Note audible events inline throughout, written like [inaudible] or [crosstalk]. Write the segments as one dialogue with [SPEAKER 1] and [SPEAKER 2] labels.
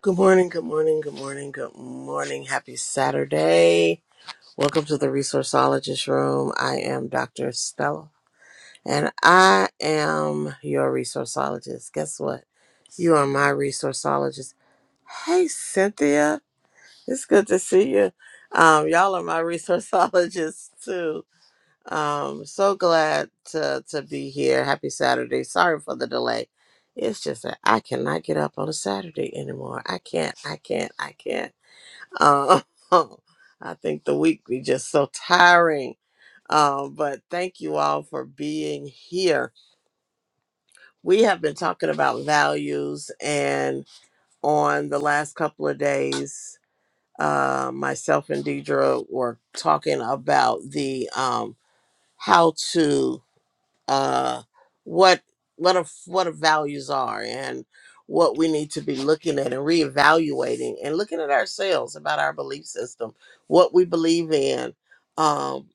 [SPEAKER 1] Good morning, good morning, good morning, good morning. Happy Saturday. Welcome to the Resourceologist Room. I am Dr. Stella and I am your resourceologist. Guess what? You are my resourceologist. Hey, Cynthia. It's good to see you. Um, y'all are my [laughs] resourceologists too. Um, so glad to to be here. Happy Saturday. Sorry for the delay. It's just that I cannot get up on a Saturday anymore. I can't. I can't. I can't. Um, [laughs] I think the week be just so tiring. Um, but thank you all for being here. We have been talking about values, and on the last couple of days, uh, myself and Deidre were talking about the um, how to uh, what what our what our values are and what we need to be looking at and reevaluating and looking at ourselves about our belief system, what we believe in, um,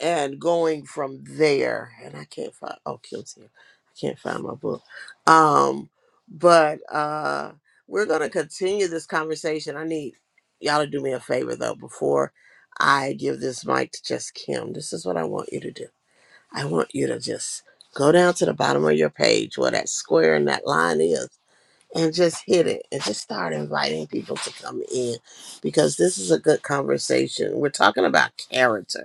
[SPEAKER 1] and going from there. And I can't find oh Kim's here. I can't find my book. Um, but uh, we're gonna continue this conversation. I need y'all to do me a favor though before I give this mic to just Kim. This is what I want you to do I want you to just go down to the bottom of your page where that square and that line is and just hit it and just start inviting people to come in because this is a good conversation. We're talking about character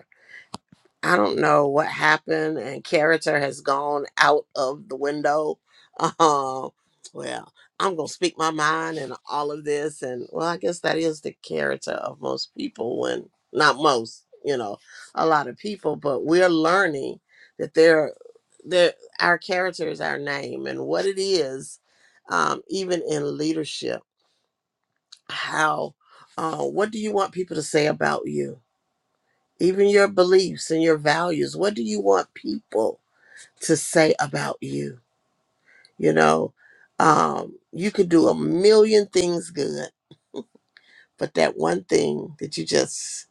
[SPEAKER 1] I don't know what happened, and character has gone out of the window. Um, well, I'm gonna speak my mind and all of this, and well, I guess that is the character of most people. When not most, you know, a lot of people, but we're learning that there, there, our character is our name, and what it is, um, even in leadership, how, uh, what do you want people to say about you? even your beliefs and your values. What do you want people to say about you? You know, um, you could do a million things good, but that one thing that you just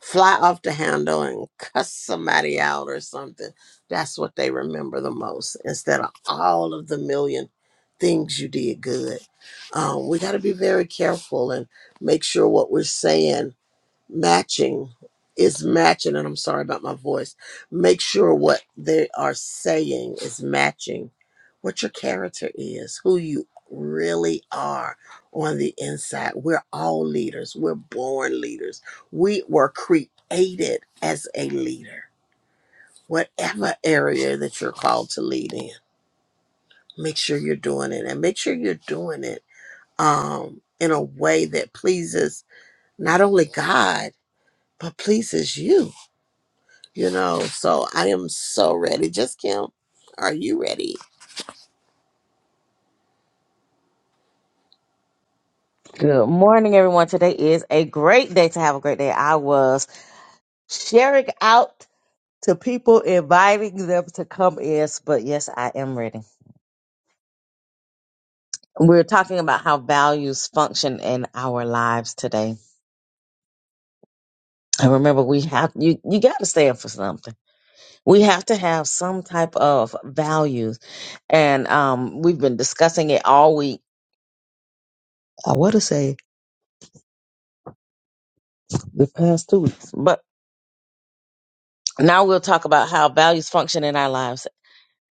[SPEAKER 1] fly off the handle and cuss somebody out or something, that's what they remember the most instead of all of the million things you did good. Um, we got to be very careful and make sure what we're saying matching is matching and i'm sorry about my voice make sure what they are saying is matching what your character is who you really are on the inside we're all leaders we're born leaders we were created as a leader whatever area that you're called to lead in make sure you're doing it and make sure you're doing it um in a way that pleases not only god but pleases you You know, so I am so ready. Just Kim, are you ready?
[SPEAKER 2] Good morning, everyone. Today is a great day to have a great day. I was sharing out to people, inviting them to come in, but yes, I am ready. We're talking about how values function in our lives today. And remember, we have you you gotta stand for something. We have to have some type of values. And um we've been discussing it all week. I wanna say the past two weeks. But now we'll talk about how values function in our lives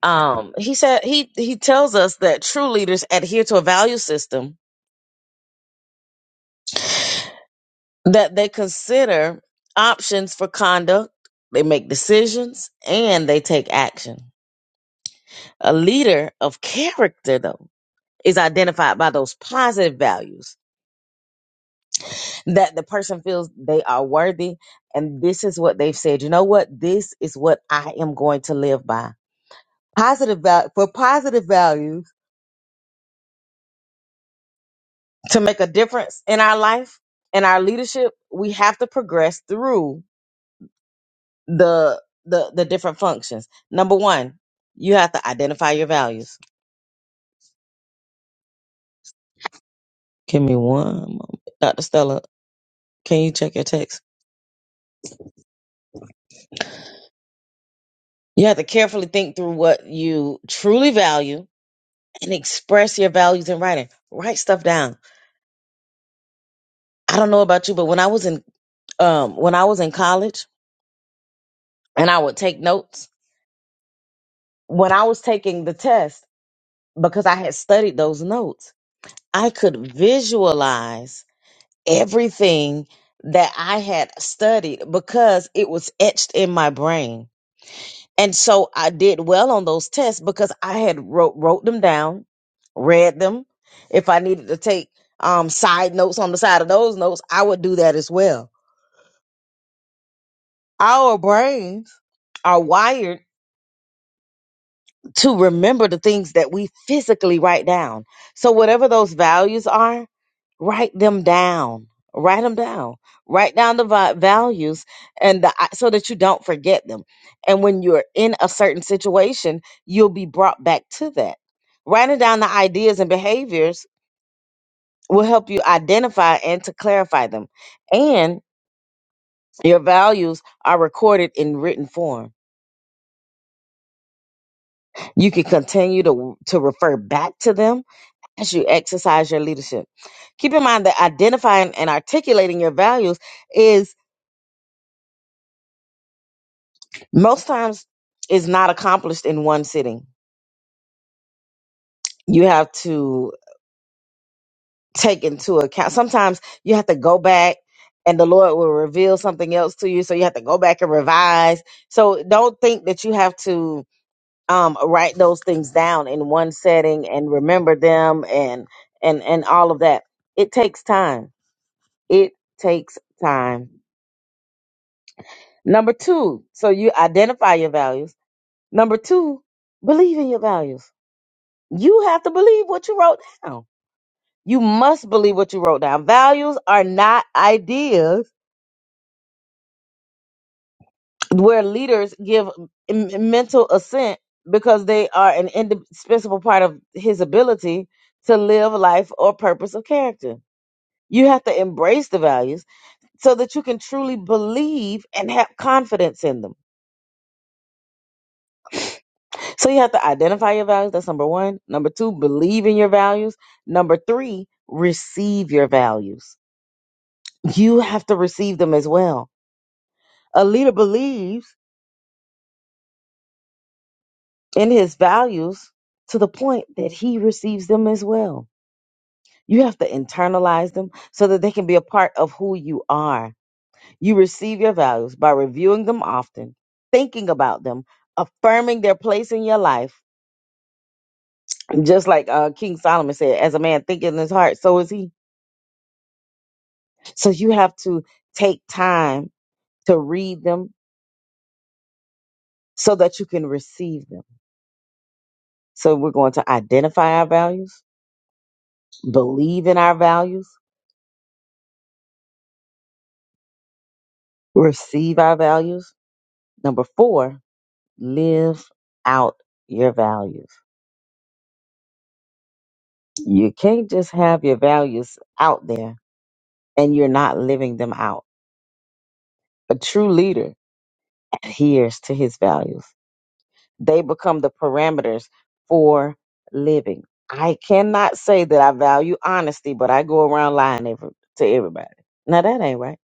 [SPEAKER 2] Um, he said he he tells us that true leaders adhere to a value system that they consider options for conduct, they make decisions, and they take action. A leader of character, though, is identified by those positive values that the person feels they are worthy, and this is what they've said. You know what? This is what I am going to live by. Positive value for positive values to make a difference in our life and our leadership, we have to progress through the the the different functions. Number one, you have to identify your values. Give me one moment. Dr. Stella, can you check your text? You have to carefully think through what you truly value and express your values in writing. Write stuff down. I don't know about you, but when I was in um when I was in college and I would take notes, when I was taking the test, because I had studied those notes. I could visualize everything that I had studied because it was etched in my brain. And so I did well on those tests because I had wrote wrote them down, read them. If I needed to take um side notes on the side of those notes, I would do that as well. Our brains are wired to remember the things that we physically write down. So whatever those values are, write them down. Write them down. Write down the vi- values and the so that you don't forget them. And when you're in a certain situation, you'll be brought back to that. Writing down the ideas and behaviors will help you identify and to clarify them. And your values are recorded in written form. You can continue to to refer back to them as you exercise your leadership. Keep in mind that identifying and articulating your values is most times is not accomplished in one sitting. You have to take into account. Sometimes you have to go back and the Lord will reveal something else to you. So you have to go back and revise. So don't think that you have to um, write those things down in one setting and remember them and and and all of that. It takes time. It takes time Number two, so you identify your values. Number two, believe in your values. You have to believe what you wrote down. You must believe what you wrote down. Values are not ideas where leaders give m- mental assent because they are an indispensable part of his ability to live life or purpose of character. You have to embrace the values so that you can truly believe and have confidence in them So you have to identify your values. That's number one. Number two, believe in your values. Number three, receive your values. You have to receive them as well. A leader believes in his values to the point that he receives them as well. You have to internalize them so that they can be a part of who you are. You receive your values by reviewing them often, thinking about them, affirming their place in your life. Just like uh, King Solomon said, as a man thinketh in his heart, so is he So you have to take time to read them so that you can receive them. So we're going to identify our values, believe in our values, receive our values. Number four, live out your values. You can't just have your values out there and you're not living them out. A true leader adheres to his values. They become the parameters for living. I cannot say that I value honesty, but I go around lying every, to everybody. Now that ain't right.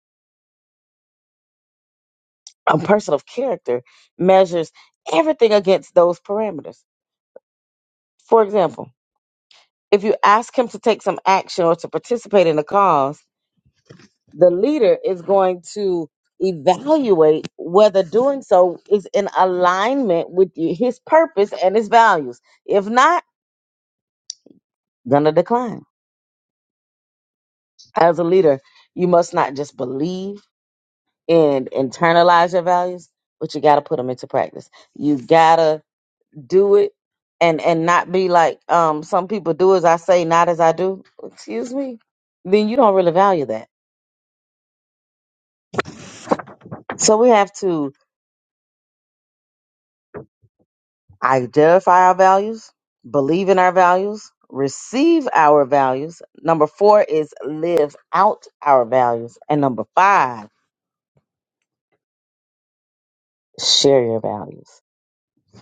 [SPEAKER 2] A person of character measures everything against those parameters. For example, if you ask him to take some action or to participate in a cause, the leader is going to evaluate whether doing so is in alignment with y- his purpose and his values. If not, gonna decline. as a leader, you must not just believe and internalize your values, but you got to put them into practice. You got to do it and and not be like um some people do as I say, not as I do. Excuse me. Then you don't really value that. So we have to identify our values, believe in our values, receive our values. Number 4 is live out our values and number 5, share your values.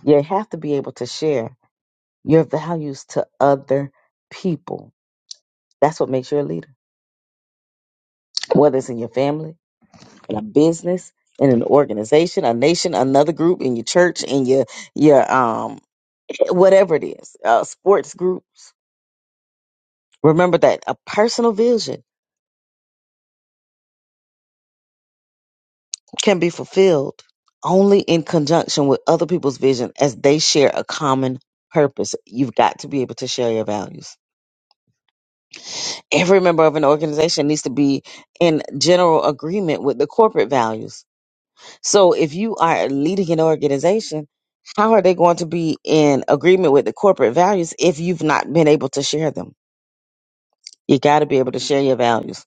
[SPEAKER 2] You have to be able to share your values to other people. That's what makes you a leader, whether it's in your family, in a business, in an organization, a nation, another group, in your church, in your your um whatever it is, uh, sports groups. Remember that a personal vision can be fulfilled only in conjunction with other people's vision as they share a common purpose. You've got to be able to share your values. Every member of an organization needs to be in general agreement with the corporate values So if you are leading an organization, how are they going to be in agreement with the corporate values if you've not been able to share them? You got to be able to share your values.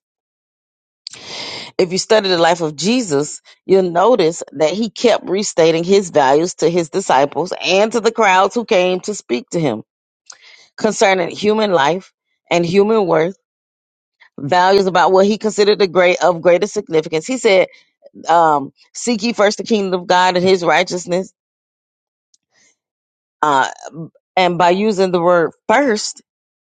[SPEAKER 2] If you study the life of Jesus, you'll notice that he kept restating his values to his disciples and to the crowds who came to speak to him concerning human life and human worth, values about what he considered the great of greatest significance. He said, um, "Seek ye first the kingdom of God and His righteousness." uh, And by using the word first,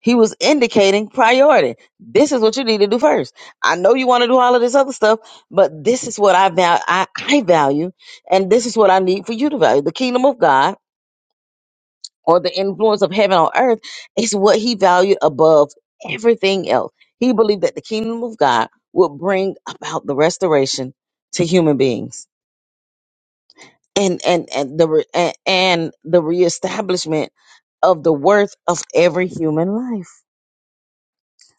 [SPEAKER 2] he was indicating priority. This is what you need to do first. I know you want to do all of this other stuff, but this is what I value. I, I value, and this is what I need for you to value. The kingdom of God or the influence of heaven on earth is what he valued above everything else. He believed that the kingdom of God would bring about the restoration to human beings and and and the re- and, and the reestablishment of the worth of every human life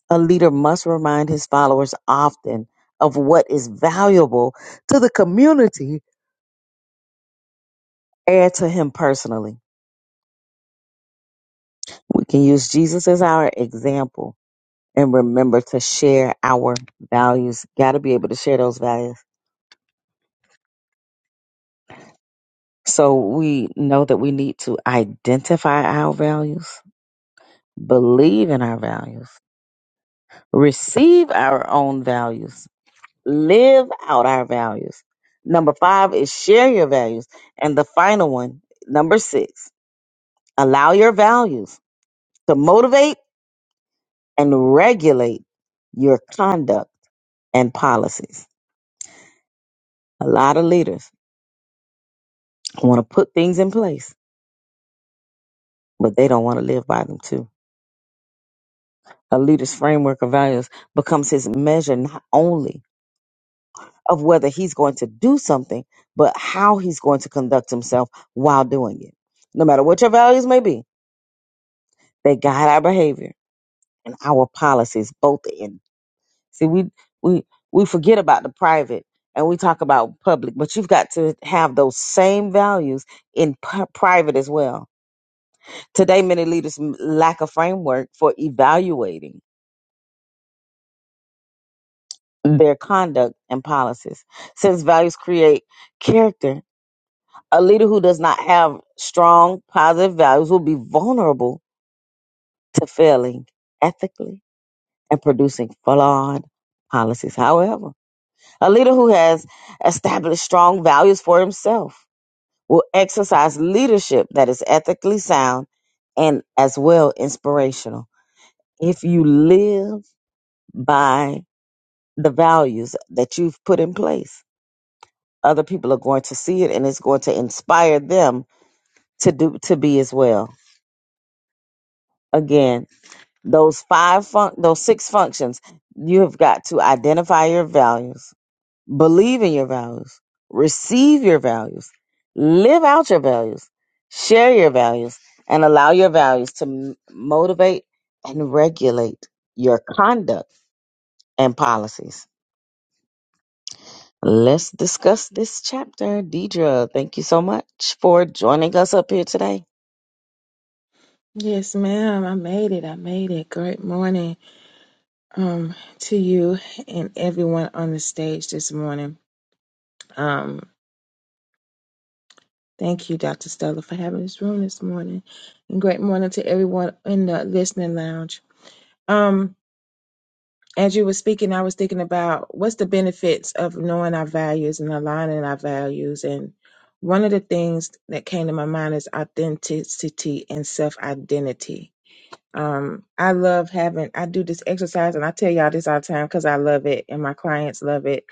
[SPEAKER 2] A leader must remind his followers often of what is valuable to the community and to him personally. We can use Jesus as our example and remember to share our values. Got to be able to share those values. So we know that we need to identify our values, believe in our values, receive our own values, live out our values. Number five is share your values. And the final one, number six. Allow your values to motivate and regulate your conduct and policies. A lot of leaders want to put things in place, but they don't want to live by them too. A leader's framework of values becomes his measure not only of whether he's going to do something, but how he's going to conduct himself while doing it. No matter what your values may be, they guide our behavior and our policies both in. See, we we we forget about the private and we talk about public, but you've got to have those same values in p- private as well. Today, many leaders m- lack a framework for evaluating their conduct and policies. Since values create character, a leader who does not have strong positive values will be vulnerable to failing ethically and producing flawed policies. However, a leader who has established strong values for himself will exercise leadership that is ethically sound and as well inspirational. If you live by the values that you've put in place, other people are going to see it and it's going to inspire them to do to be as well. Again, those five fun- those six functions, you have got to identify your values Believe in your values. Receive your values. Live out your values. Share your values and allow your values to m- motivate and regulate your conduct and policies. Let's discuss this chapter. Deidre, thank you so much for joining us up here today.
[SPEAKER 3] Yes, ma'am. I made it. I made it. Great morning um, to you and everyone on the stage this morning. Um, thank you, Dr. Stella, for having this room this morning. And great morning to everyone in the listening lounge. Um, as you were speaking, I was thinking about what's the benefits of knowing our values and aligning our values. And one of the things that came to my mind is authenticity and self identity Um, I love having, I do this exercise and I tell y'all this all the time because I love it and my clients love it.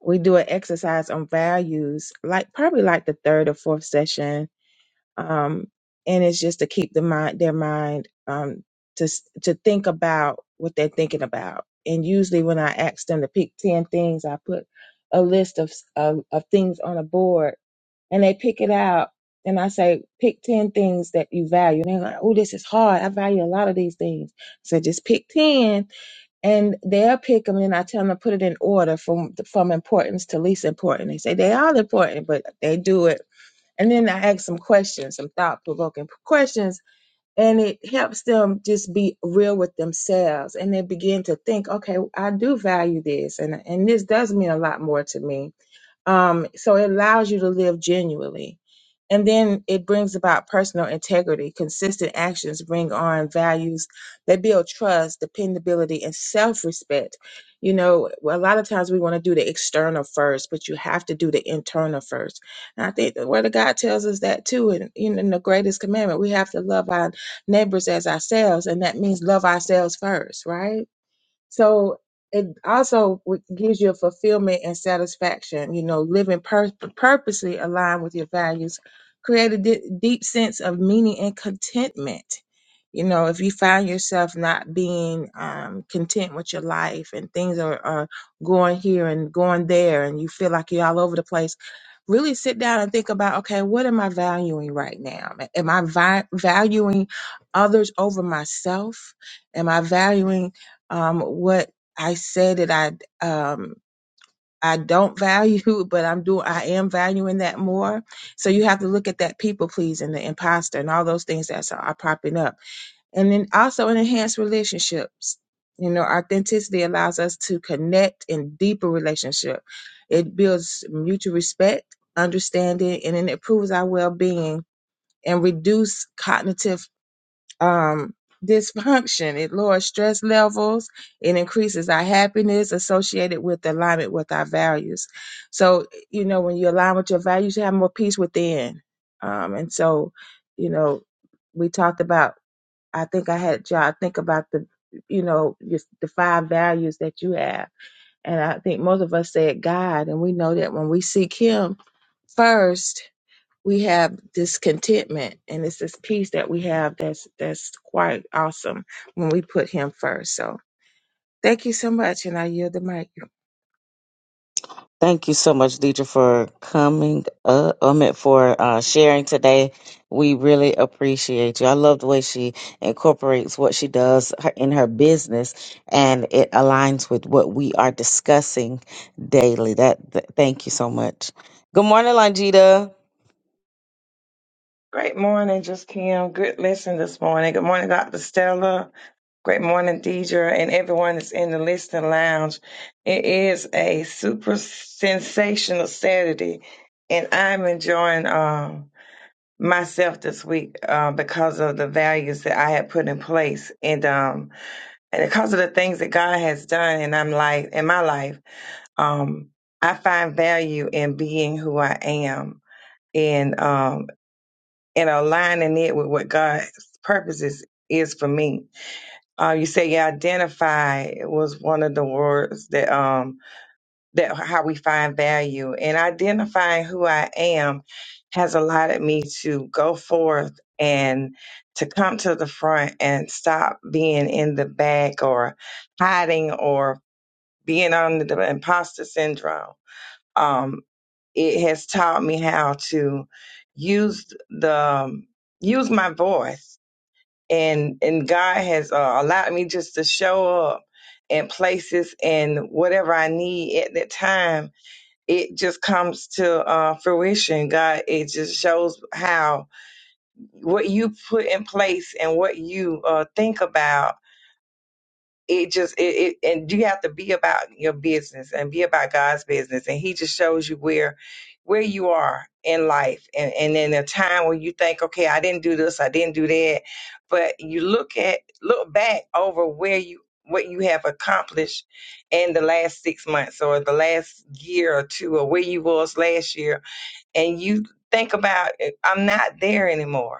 [SPEAKER 3] We do an exercise on values, like probably like the third or fourth session um, and it's just to keep the mind their mind um, to s- to think about what they're thinking about. And usually, when I ask them to pick ten things, I put a list of s- of, of things on a board, and they pick it out. And I say, pick ten things that you value. And they're like, "Oh, this is hard. I value a lot of these things." So just pick ten, and they'll pick them. And I tell them to put it in order from from importance to least important. They say they all important, but they do it and then I ask some questions, some thought provoking questions, and it helps them just be real with themselves. And they begin to think, okay, I do value this, and, and this does mean a lot more to me um, so it allows you to live genuinely. And then it brings about personal integrity. Consistent actions bring on values that build trust, dependability, and self respect. You know, a lot of times we want to do the external first, but you have to do the internal first. And I think the Word of God tells us that too. And in, in the greatest commandment, we have to love our neighbors as ourselves. And that means love ourselves first, right? So it also w- gives you a fulfillment and satisfaction, you know, living pur- purposely aligned with your values, create a di- deep sense of meaning and contentment. You know, if you find yourself not being um, content with your life and things are, are going here and going there and you feel like you're all over the place, really sit down and think about okay, what am I valuing right now? Am I vi- valuing others over myself? Am I valuing um, what I say that I um, I don't value, [laughs] but I'm doing I am valuing that more. So you have to look at that people pleasing, the imposter, and all those things that are popping up, and then also in enhanced relationships. You know, authenticity allows us to connect in deeper relationship. It builds mutual respect, understanding, and then it improves our well being and reduce cognitive um, dysfunction. It lowers stress levels. It increases our happiness associated with alignment with our values. So, you know, when you align with your values, you have more peace within. Um, and so, you know, we talked about, I think I had y'all think about the, you know, just the five values that you have. And I think most of us said God, and we know that when we seek Him first, we have this contentment and it's this peace that we have that's that's quite awesome when we put him first so thank you so much and i yield the mic
[SPEAKER 2] Thank you so much, Deidre, for coming up. I mean, for uh, sharing today. We really appreciate you. I love the way she incorporates what she does her- in her business, and it aligns with what we are discussing daily. That, th- thank you so much. Good morning, Longita.
[SPEAKER 4] Great morning, just Kim. Good listen this morning. Good morning, Dr. Stella. Great morning, Deidre, and everyone that's in the listening lounge. It is a super sensational Saturday, and I'm enjoying um, myself this week uh, because of the values that I had put in place, and um, and because of the things that God has done And I'm like in my life. Um, I find value in being who I am. And um, and aligning it with what God's purposes is for me. Uh, you say you identify was one of the words that um that how we find value and identifying who I am has allowed me to go forth and to come to the front and stop being in the back or hiding or being under the imposter syndrome. Um, it has taught me how to use the um, use my voice and and god has uh, allowed me just to show up in places and whatever i need at that time it just comes to uh, fruition god it just shows how what you put in place and what you uh, think about it just it, it and you have to be about your business and be about God's business and he just shows you where where you are in life and and in a time when you think okay I didn't do this I didn't do that but you look at look back over where you what you have accomplished in the last 6 months or the last year or two or where you was last year and you think about I'm not there anymore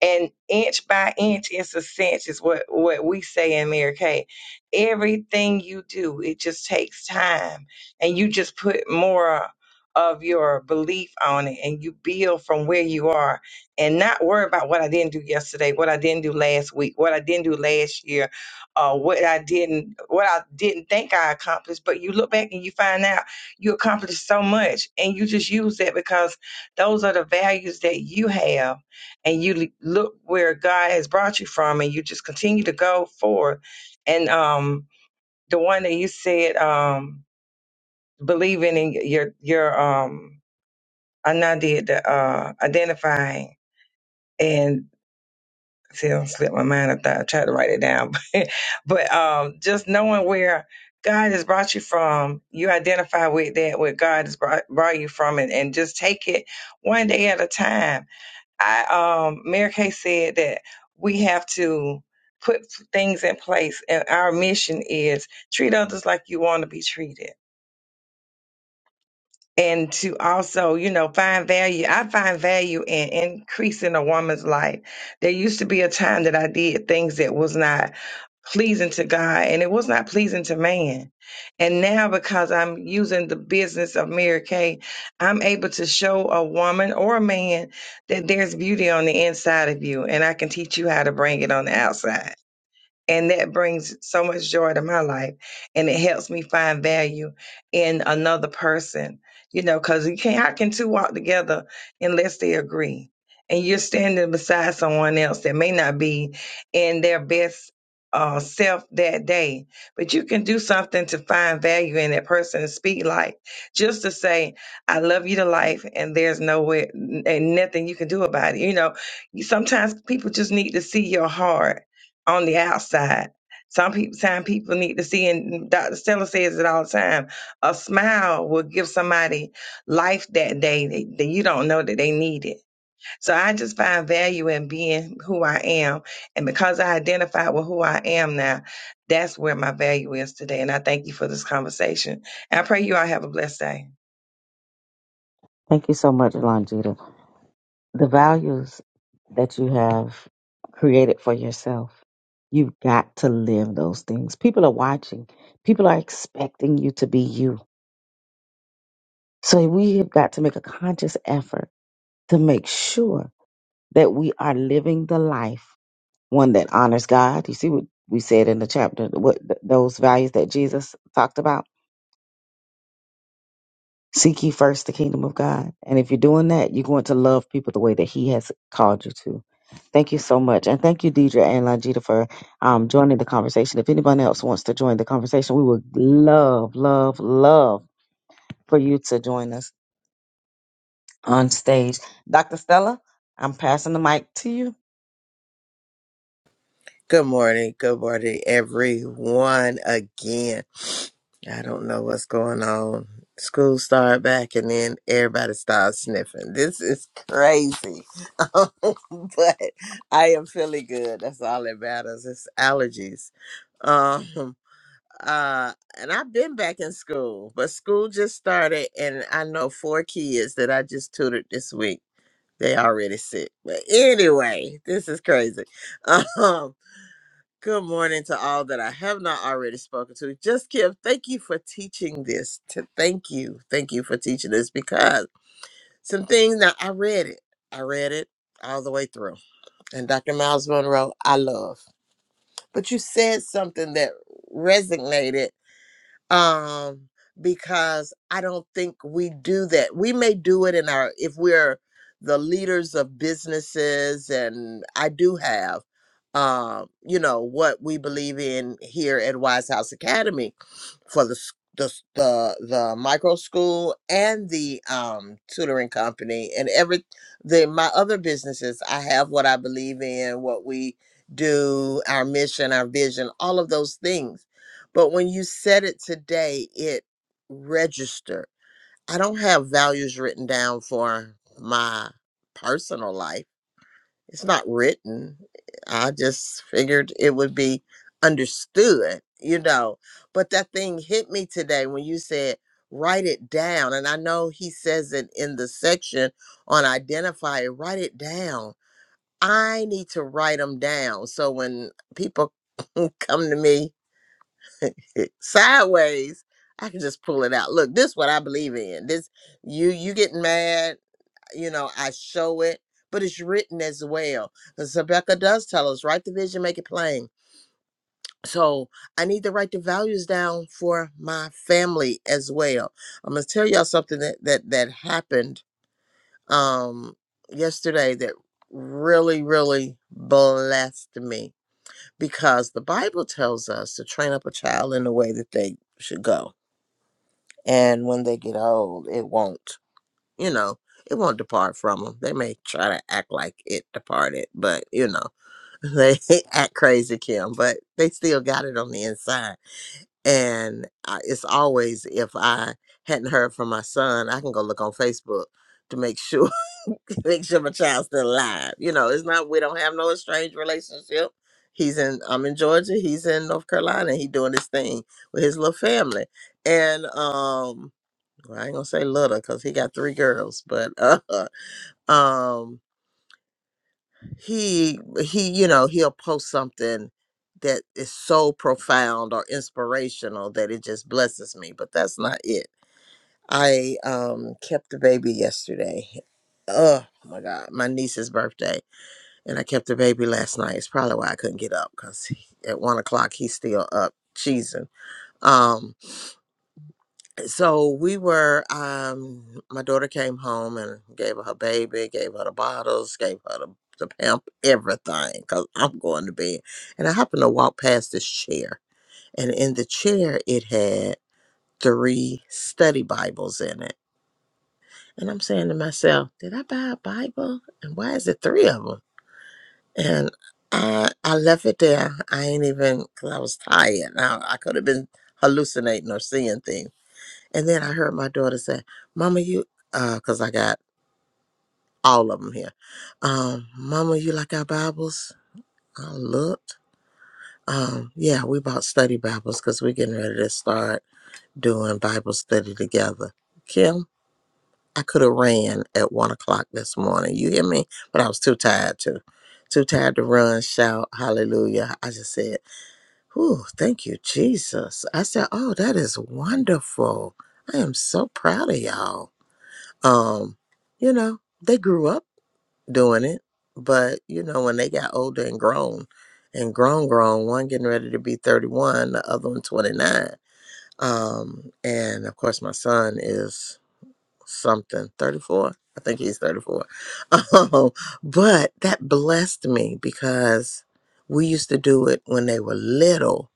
[SPEAKER 4] and inch by inch it's a cinch is what what we say in Mary Kay. Everything you do, it just takes time, and you just put more of your belief on it, and you build from where you are, and not worry about what I didn't do yesterday, what I didn't do last week, what I didn't do last year, uh, what I didn't what I didn't think I accomplished. But you look back and you find out you accomplished so much, and you just use that because those are the values that you have and you l- look where God has brought you from, and you just continue to go forward. And um, the one that you said, um, believing in your your um, I now did the uh, identifying and see, I slipped my mind. I thought I tried to write it down, [laughs] but but um, just knowing where. God has brought you from. You identify with that, where God has brought, brought you from, and, and just take it one day at a time I um Mary Kay said that we have to put things in place and our mission is treat others like you want to be treated and to also, you know, find value. I find value in increasing a woman's life. There used to be a time that I did things that was not pleasing to God and it was not pleasing to man. And now because I'm using the business of Mary Kay, I'm able to show a woman or a man that there's beauty on the inside of you and I can teach you how to bring it on the outside. And that brings so much joy to my life. And it helps me find value in another person, you know, because you can't, how can two walk together unless they agree? And you're standing beside someone else that may not be in their best uh, self that day, but you can do something to find value in that person and speak like just to say, I love you to life, and there's no way and nothing you can do about it. You know, sometimes people just need to see your heart on the outside. Some people, time people need to see, and Dr. Stella says it all the time. A smile will give somebody life that day that, that you don't know that they need it. So I just find value in being who I am, and because I identify with who I am now, that's where my value is today. And I thank you for this conversation. And I pray you all have a blessed day.
[SPEAKER 2] Thank you so much, Longita. the values that you have created for yourself, you've got to live those things. People are watching, people are expecting you to be you. So we have got to make a conscious effort to make sure that we are living the life, one that honors God. You see what we said in the chapter, what those values that Jesus talked about Seek ye first the kingdom of God. And if you're doing that, you're going to love people the way that He has called you to. Thank you so much. And thank you, Deidre and Longita, for um, joining the conversation. If anyone else wants to join the conversation, we would love, love, love for you to join us on stage. Dr. Stella, I'm passing the mic to you.
[SPEAKER 1] Good morning. Good morning, everyone. Again, I don't know what's going on. School start back and then everybody starts sniffing. This is crazy. [laughs] but I am feeling good. That's all that matters. It's allergies. Um uh and I've been back in school, but school just started and I know four kids that I just tutored this week They already sick. But anyway, this is crazy. [laughs] Um, good morning to all that I have not already spoken to. Just Kim, thank you for teaching this. To thank you. Thank you for teaching this because some things now I read it. I read it all the way through. And Dr. Miles Monroe, I love. But you said something that resonated um because i don't think we do that we may do it in our if we're the leaders of businesses and i do have um you know what we believe in here at wise house academy for the s- the s- the, the micro school and the um, tutoring company and every the my other businesses. I have what I believe in, what we do, our mission, our vision, all of those things. But when you said it today, it registered. I don't have values written down for my personal life it's not written. I just figured it would be understood, you know. But that thing hit me today when you said, write it down. And I know he says it in the section on identify it, write it down. I need to write them down. So when people [laughs] come to me [laughs] sideways, I can just pull it out. Look, this is what I believe in. This you you getting mad you know, I show it, but it's written as well. Because Rebecca does tell us, write the vision, make it plain. So I need to write the values down for my family as well. I'm gonna tell y'all something that that that happened um yesterday that really, really blessed me because the Bible tells us to train up a child in the way that they should go. And when they get old, it won't. you know, it won't depart from them. They may try to act like it departed, but you know, [laughs] they act crazy, Kim, but they still got it on the inside. And I, it's always if I hadn't heard from my son, I can go look on Facebook to make sure [laughs] make sure my child's still alive. You know, it's not we don't have no estranged relationship. He's in I'm in Georgia, he's in North Carolina, he doing his thing with his little family. And um well, I ain't gonna say little because he got three girls, but uh, [laughs] um, he he, you know, he'll post something that is so profound or inspirational that it just blesses me. But that's not it. I um kept the baby yesterday. Oh my God, my niece's birthday, and I kept the baby last night. It's probably why I couldn't get up because at one o'clock he's still up cheesing. Um, so we were um my daughter came home and gave her her baby gave her the bottles gave her the, the pamp everything because i'm going to bed and i happened to walk past this chair and in the chair it had three study bibles in it and i'm saying to myself did i buy a bible and why is it three of them and i i left it there i ain't even because i was tired now i could have been hallucinating or seeing things and then I heard my daughter say, Mama, you, because I got all of them here. Um, Mama, you like our Bibles? I looked. Um, yeah, we bought study Bibles because we're getting ready to start doing Bible study together. Kim, I could have ran at one o'clock this morning. You hear me? But I was too tired to. Too tired to run, shout, hallelujah. I just said, Whew, thank you, Jesus. I said, Oh, that is wonderful. I am so proud of y'all. Um, you know, they grew up doing it, but you know, when they got older and grown and grown grown, one getting ready to be 31, the other one 29. Um, and of course my son is something 34. I think he's 34. [laughs] Um, but that blessed me because we used to do it when they were little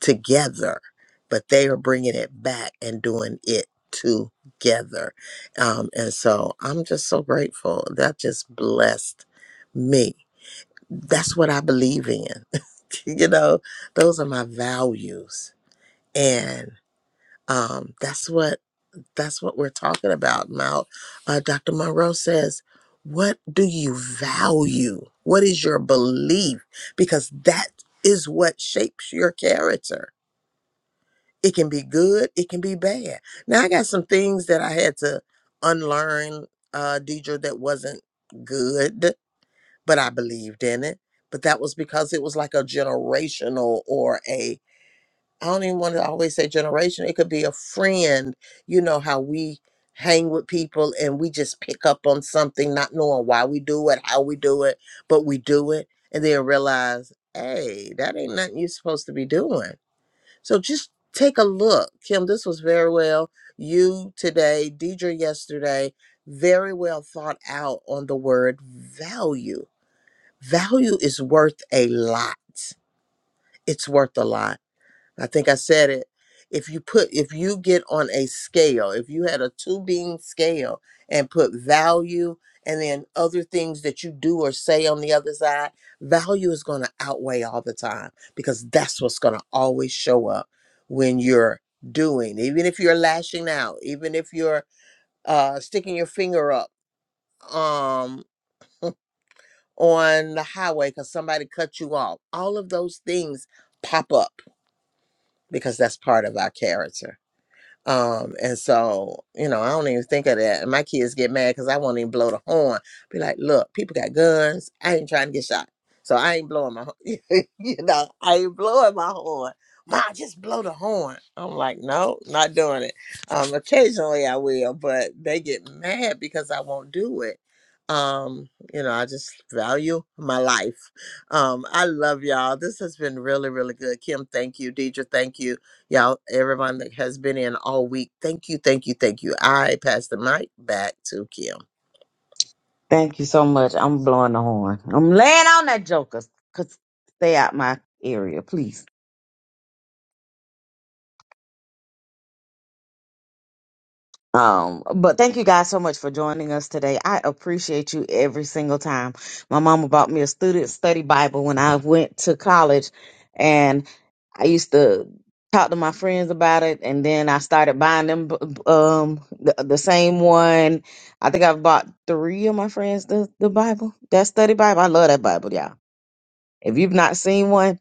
[SPEAKER 1] together, but they are bringing it back and doing it together. Um, and so I'm just so grateful. That just blessed me. That's what I believe in. [laughs] you know, those are my values. And um, that's what that's what we're talking about now. Uh, Dr. Monroe says, "What do you value? What is your belief? Because that is what shapes your character." It can be good, it can be bad. Now, I got some things that I had to unlearn, uh, Deidre, that wasn't good, but I believed in it. But that was because it was like a generational or a, I don't even want to always say generation, it could be a friend. You know how we hang with people and we just pick up on something, not knowing why we do it, how we do it, but we do it. And then realize, hey, that ain't nothing you're supposed to be doing so just take a look. Kim, this was very well. You today, Deidre yesterday, very well thought out on the word value. Value is worth a lot. It's worth a lot. I think I said it. If you put, if you get on a scale, if you had a two being scale and put value and then other things that you do or say on the other side, value is going to outweigh all the time because that's what's going to always show up when you're doing, even if you're lashing out, even if you're uh, sticking your finger up um, on the highway because somebody cut you off. All of those things pop up because that's part of our character. Um, and so, you know, I don't even think of that. And my kids get mad because I won't even blow the horn. Be like, look, people got guns. I ain't trying to get shot. So I ain't blowing my, [laughs] you know, I ain't blowing my horn. Ma, just blow the horn. I'm like, no, not doing it. Um, occasionally I will, but they get mad because I won't do it. Um, you know, I just value my life. Um, I love y'all. This has been really, really good. Kim, thank you. Deidre, thank you. Y'all, everyone that has been in all week, thank you, thank you, thank you. I pass the mic back to Kim.
[SPEAKER 2] Thank you so much. I'm blowing the horn. I'm laying on that joker. Could stay out my area, please. Um, but thank you guys so much for joining us today. I appreciate you every single time. My mama bought me a student study Bible when I went to college, and I used to talk to my friends about it, and then I started buying them b- b- um the, the same one. I think I've bought three of my friends the the Bible, that study Bible. I love that Bible, y'all. If you've not seen one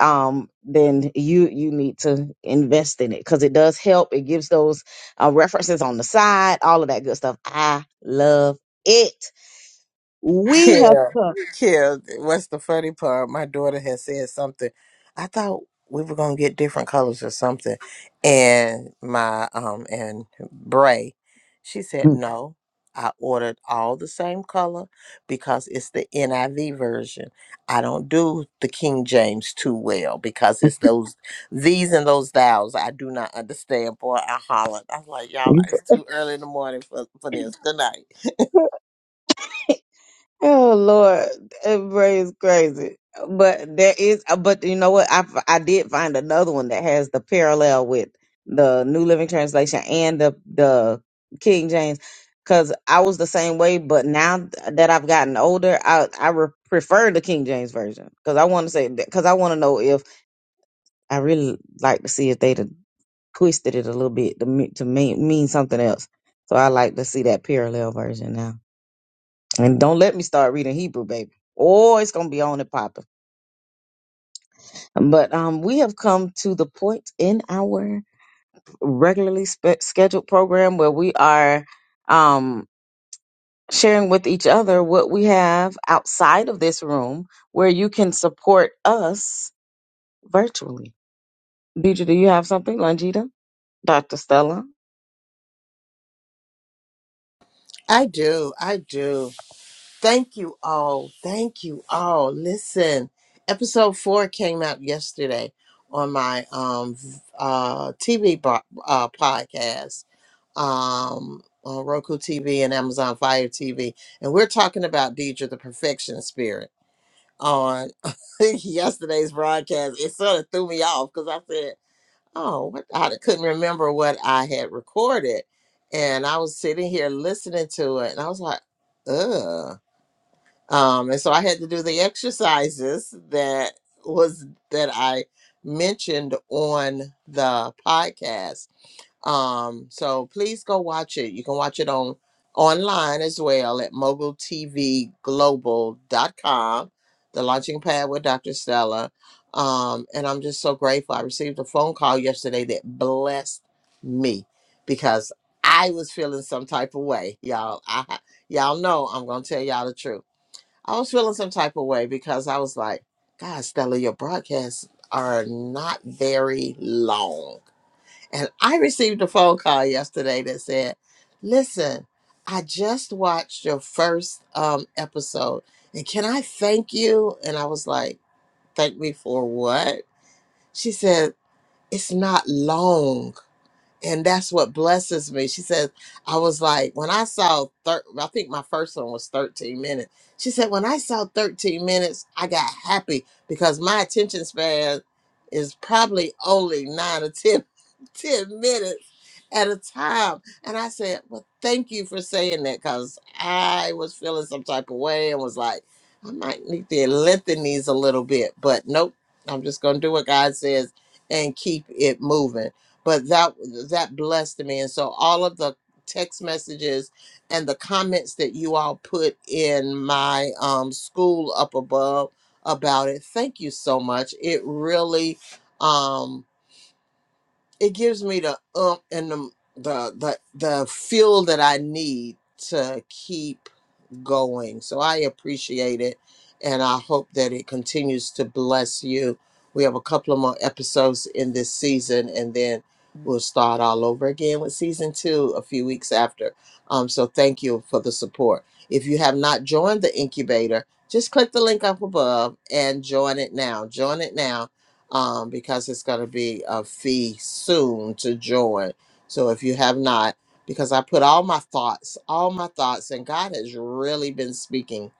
[SPEAKER 2] um, then you you need to invest in it because it does help. It gives those uh, references on the side, all of that good stuff. I love it. We have
[SPEAKER 1] Kill, kill. What's the funny part? My daughter had said something. I thought we were gonna get different colors or something. And my um and Bray, she said
[SPEAKER 2] come.
[SPEAKER 1] no. I ordered all the same color because it's the NIV version. I don't do the King James too well because it's those these and those thous I do not understand. Boy, I hollered. I was like, y'all, it's too early in the morning for, for this. Good night.
[SPEAKER 2] [laughs] Oh Lord, everybody is crazy. But there is, uh, but you know what? I f- I did find another one that has the parallel with the New Living Translation and the the King James, because I was the same way. But now th- that I've gotten older, I I re- prefer the King James version because I want to say because I want to know if I really like to see if they done twisted it a little bit to me, to mean mean something else. So I like to see that parallel version now. And don't let me start reading Hebrew, baby. Oh, it's gonna be on and popping. But um, we have come to the point in our regularly spe- scheduled program where we are um sharing with each other what we have outside of this room, where you can support us virtually. Deidre, do you have something, Longita, Doctor Stella?
[SPEAKER 1] I do. I do. Thank you all. Thank you all. Listen, episode four came out yesterday on my um v- uh TV bo- uh podcast um on Roku TV and Amazon Fire TV, and we're talking about Deidre the Perfection Spirit on [laughs] yesterday's broadcast. It sort of threw me off because I said, "Oh, what?" I couldn't remember what I had recorded, and I was sitting here listening to it, and I was like, "Ugh." um, and so I had to do the exercises that was that I mentioned on the podcast. Um, so please go watch it. You can watch it on online as well at mogul t v global dot com. the launching pad with Dr. Stella. Um, and I'm just so grateful. I received a phone call yesterday that blessed me because I was feeling some type of way. Y'all, I y'all know I'm gonna tell y'all the truth. I was feeling some type of way because I was like, God, Stella, your broadcasts are not very long. And I received a phone call yesterday that said, Listen, I just watched your first um, episode and can I thank you? And I was like, Thank me for what? She said, It's not long and that's what blesses me. She says, I was like, when I saw, thir- I think my first one was 13 minutes. She said, when I saw 13 minutes, I got happy because my attention span is probably only nine or 10, [laughs] 10 minutes at a time. And I said, well, thank you for saying that because I was feeling some type of way and was like, I might need to lengthen these a little bit, but nope, I'm just going to do what God says and keep it moving but that that blessed me and so all of the text messages and the comments that you all put in my um, school up above about it thank you so much it really um it gives me the um and the the the, the fuel that i need to keep going. So I appreciate it and I hope that it continues to bless you. We have a couple of more episodes in this season and then we'll start all over again with season two a few weeks after. Um, so thank you for the support. If you have not joined the incubator, just click the link up above and join it now. Join it now um, because it's going to be a fee soon to join. So if you have not, because I put all my thoughts, all my thoughts, and God has really been speaking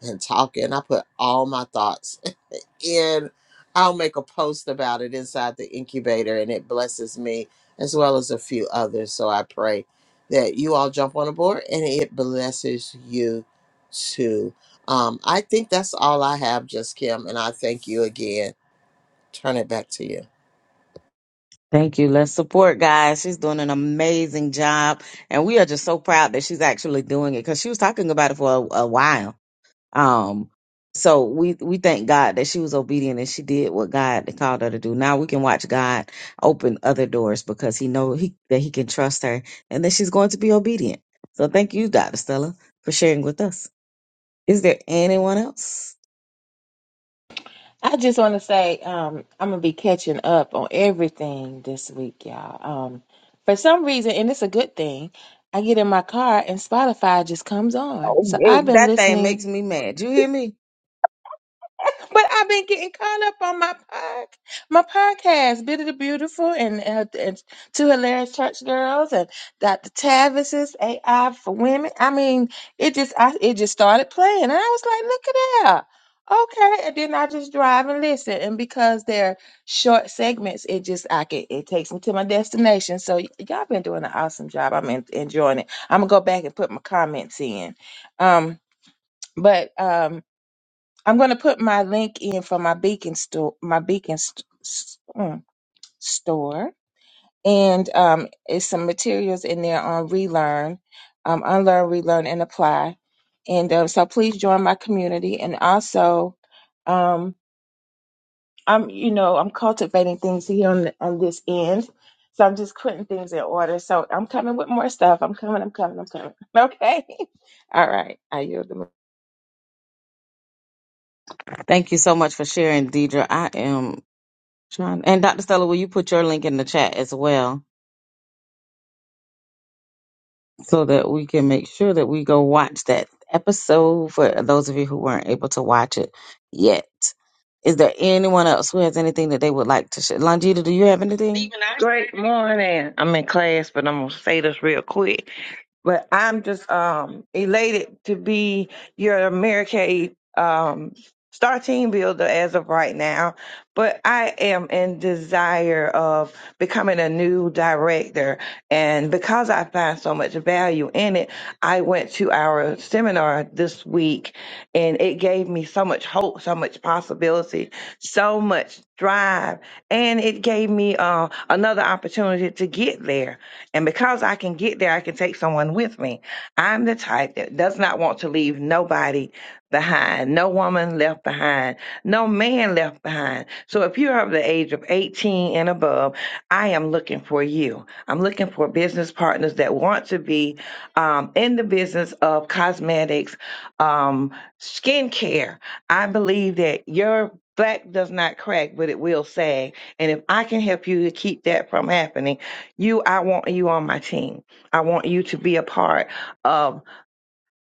[SPEAKER 1] and talking. I put all my thoughts [laughs] in. I'll make a post about it inside the incubator, and it blesses me as well as a few others. So I pray that you all jump on board and it blesses you too. Um, I think that's all I have, just Kim, and I thank you again. Turn it back to you.
[SPEAKER 2] Thank you. Let's support guys. She's doing an amazing job. And we are just so proud that she's actually doing it because she was talking about it for a, a while. Um, so we, we thank God that she was obedient and she did what God called her to do. Now we can watch God open other doors because he know he, that he can trust her and that she's going to be obedient. So thank you, Dr. Stella, for sharing with us. Is there anyone else?
[SPEAKER 3] i just want to say um i'm gonna be catching up on everything this week y'all um for some reason and it's a good thing i get in my car and spotify just comes on so i've
[SPEAKER 2] Oh,
[SPEAKER 3] been
[SPEAKER 2] that thing
[SPEAKER 3] listening
[SPEAKER 2] makes me mad. You hear me?
[SPEAKER 3] But I've been getting caught up on my pod, my podcast, Bit of the Beautiful and, uh, and Two Hilarious Church Girls and Dr. Tavis's AI for Women. I mean, it just I, it just started playing, and I was like, look at that. Okay, and then I just drive and listen, and because they're short segments, it just I can it takes me to my destination. So y- y'all been doing an awesome job. I'm en- enjoying it. I'm gonna go back and put my comments in. Um, but um, I'm going to put my link in for my beacon store, my beacon st- s- mm, store, and um, it's some materials in there on relearn, um, unlearn, relearn, and apply. And um, so please join my community, and also, um, I'm you know I'm cultivating things here on on this end, so I'm just putting things in order. So I'm coming with more stuff. I'm coming. I'm coming. I'm coming. [laughs] Okay. All right. I yield the.
[SPEAKER 2] Thank you so much for sharing, Deidre. I am Trying and Dr. Stella, will you put your link in the chat as well so that we can make sure that we go watch that episode for those of you who weren't able to watch it yet. Is there anyone else who has anything that they would like to share? Longita, do you have anything?
[SPEAKER 4] Leaving our Great morning. I'm in class, but I'm gonna say this real quick but I'm just um elated to be your Americaid um star team builder as of right now. But I am in desire of becoming a new director. And because I find so much value in it, I went to our seminar this week and it gave me so much hope, so much possibility, so much drive. And it gave me uh, another opportunity to get there and because I can get there, I can take someone with me. I'm the type that does not want to leave nobody behind, no woman left behind, no man left behind. So if you're of the age of 18 and above, I am looking for you. I'm looking for business partners that want to be um, in the business of cosmetics, um, skincare. I believe that your back does not crack, but it will sag. And if I can help you to keep that from happening, you, I want you on my team. I want you to be a part of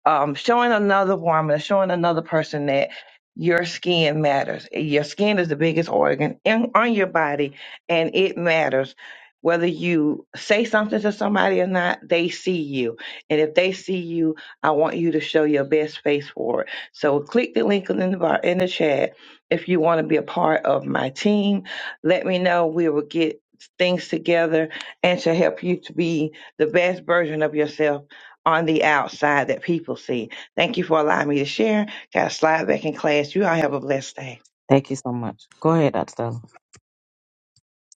[SPEAKER 4] um, showing another woman, showing another person that your skin matters. Your skin is the biggest organ in, on your body, and it matters. Whether you say something to somebody or not, they see you. And if they see you, I want you to show your best face for it. So click the link in the bar in the chat if you want to be a part of my team. Let me know. We will get things together and to help you to be the best version of yourself on the outside that people see. Thank you for allowing me to share. Got to slide back in class. You all have a blessed day.
[SPEAKER 2] Thank you so much. Go ahead, Dr. Stella.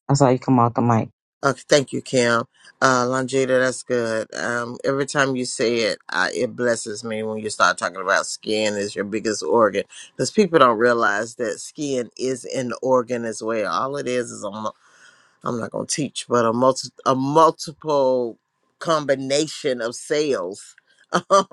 [SPEAKER 2] I saw you come off the mic.
[SPEAKER 1] Okay, thank you, Kim. Uh, Longita, that's good. Um, every time you say it, I, it blesses me when you start talking about skin is your biggest organ because people don't realize that skin is an organ as well. All it is is a I'm not going to teach, but a multi a multiple combination of sales [laughs] um,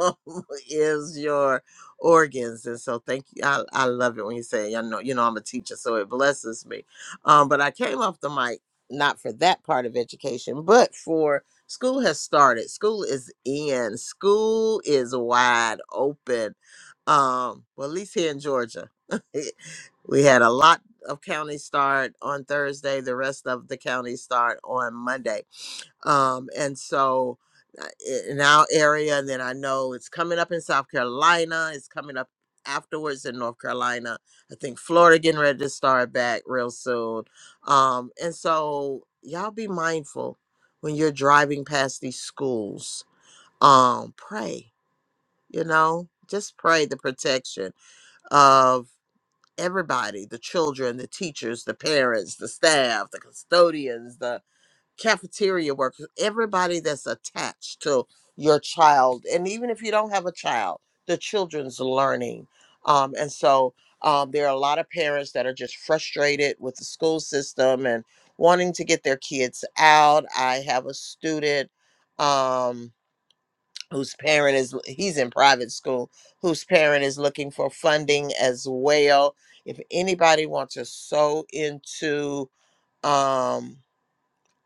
[SPEAKER 1] is your organs, and so thank you. I, I love it when you say, "I know, you know, I'm a teacher," so it blesses me. Um, but I came off the mic not for that part of education, but for school has started. School is in. School is wide open. Um, well, at least here in Georgia, [laughs] we had a lot of counties start on Thursday. The rest of the counties start on Monday. Um, and so uh, i- in our area, and then I know it's coming up in South Carolina. It's coming up afterwards in North Carolina. I think Florida getting ready to start back real soon. Um, and so y'all be mindful when you're driving past these schools. Um, pray, you know, just pray the protection of everybody the children the teachers the parents the staff the custodians the cafeteria workers everybody that's attached to your child and even if you don't have a child the children's learning um, and so um, there are a lot of parents that are just frustrated with the school system and wanting to get their kids out i have a student um, whose parent is he's in private school whose parent is looking for funding as well if anybody wants to sew into um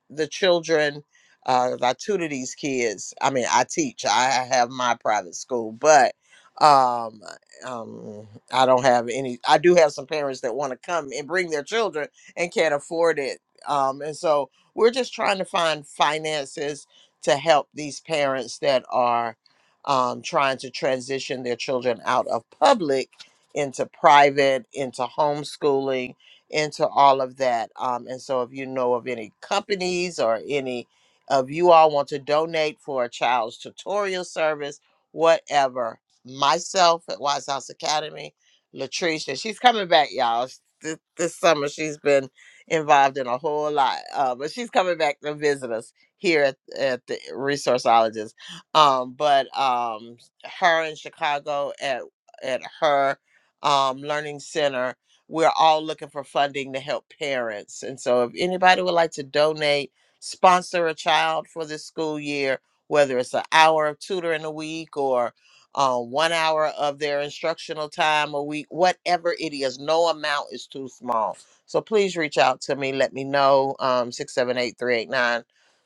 [SPEAKER 1] the children. Uh, I tutor these kids. I mean, I teach. I have my private school, but um, um, I don't have any. I do have some parents that want to come and bring their children and can't afford it. Um, and so we're just trying to find finances to help these parents that are um, trying to transition their children out of public into private, into homeschooling into all of that. Um, and so, if you know of any companies or any of you all want to donate for a child's tutorial service, whatever, myself at Wise House Academy, Latrice, and she's coming back, y'all. Sh- This, this summer, she's been involved in a whole lot, uh, but she's coming back to visit us here at, at the Resourceologist. Um, but um, her in Chicago at at her um, learning center we're all looking for funding to help parents. And so if anybody would like to donate, sponsor a child for this school year, whether it's an hour of tutoring a week or uh, one hour of their instructional time a week, whatever it is, no amount is too small. So please reach out to me. Let me know. Um, 678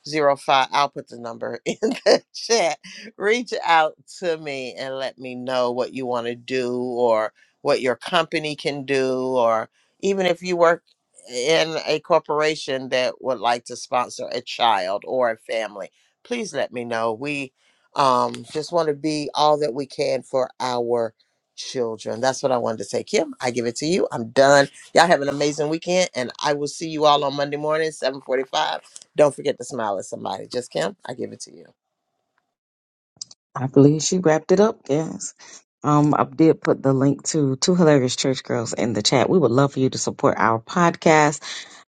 [SPEAKER 1] i I'll put the number [laughs] in the chat. Reach out to me and let me know what you want to do or what your company can do, or even if you work in a corporation that would like to sponsor a child or a family, please let me know. We um, just want to be all that we can for our children. That's what I wanted to say. Kim, I give it to you. I'm done. Y'all have an amazing weekend, and I will see you all on Monday morning, 7:45 don't forget to smile at somebody. Just Kim, I give it to you.
[SPEAKER 2] I believe she wrapped it up, yes. Um, I did put the link to Two Hilarious Church Girls in the chat. We would love for you to support our podcast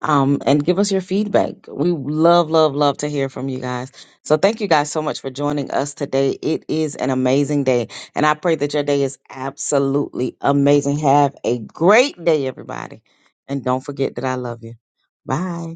[SPEAKER 2] um, and give us your feedback. We love, love, love to hear from you guys. So thank you guys so much for joining us today. It is an amazing day, and I pray that your day is absolutely amazing. Have a great day, everybody. And don't forget that I love you. Bye.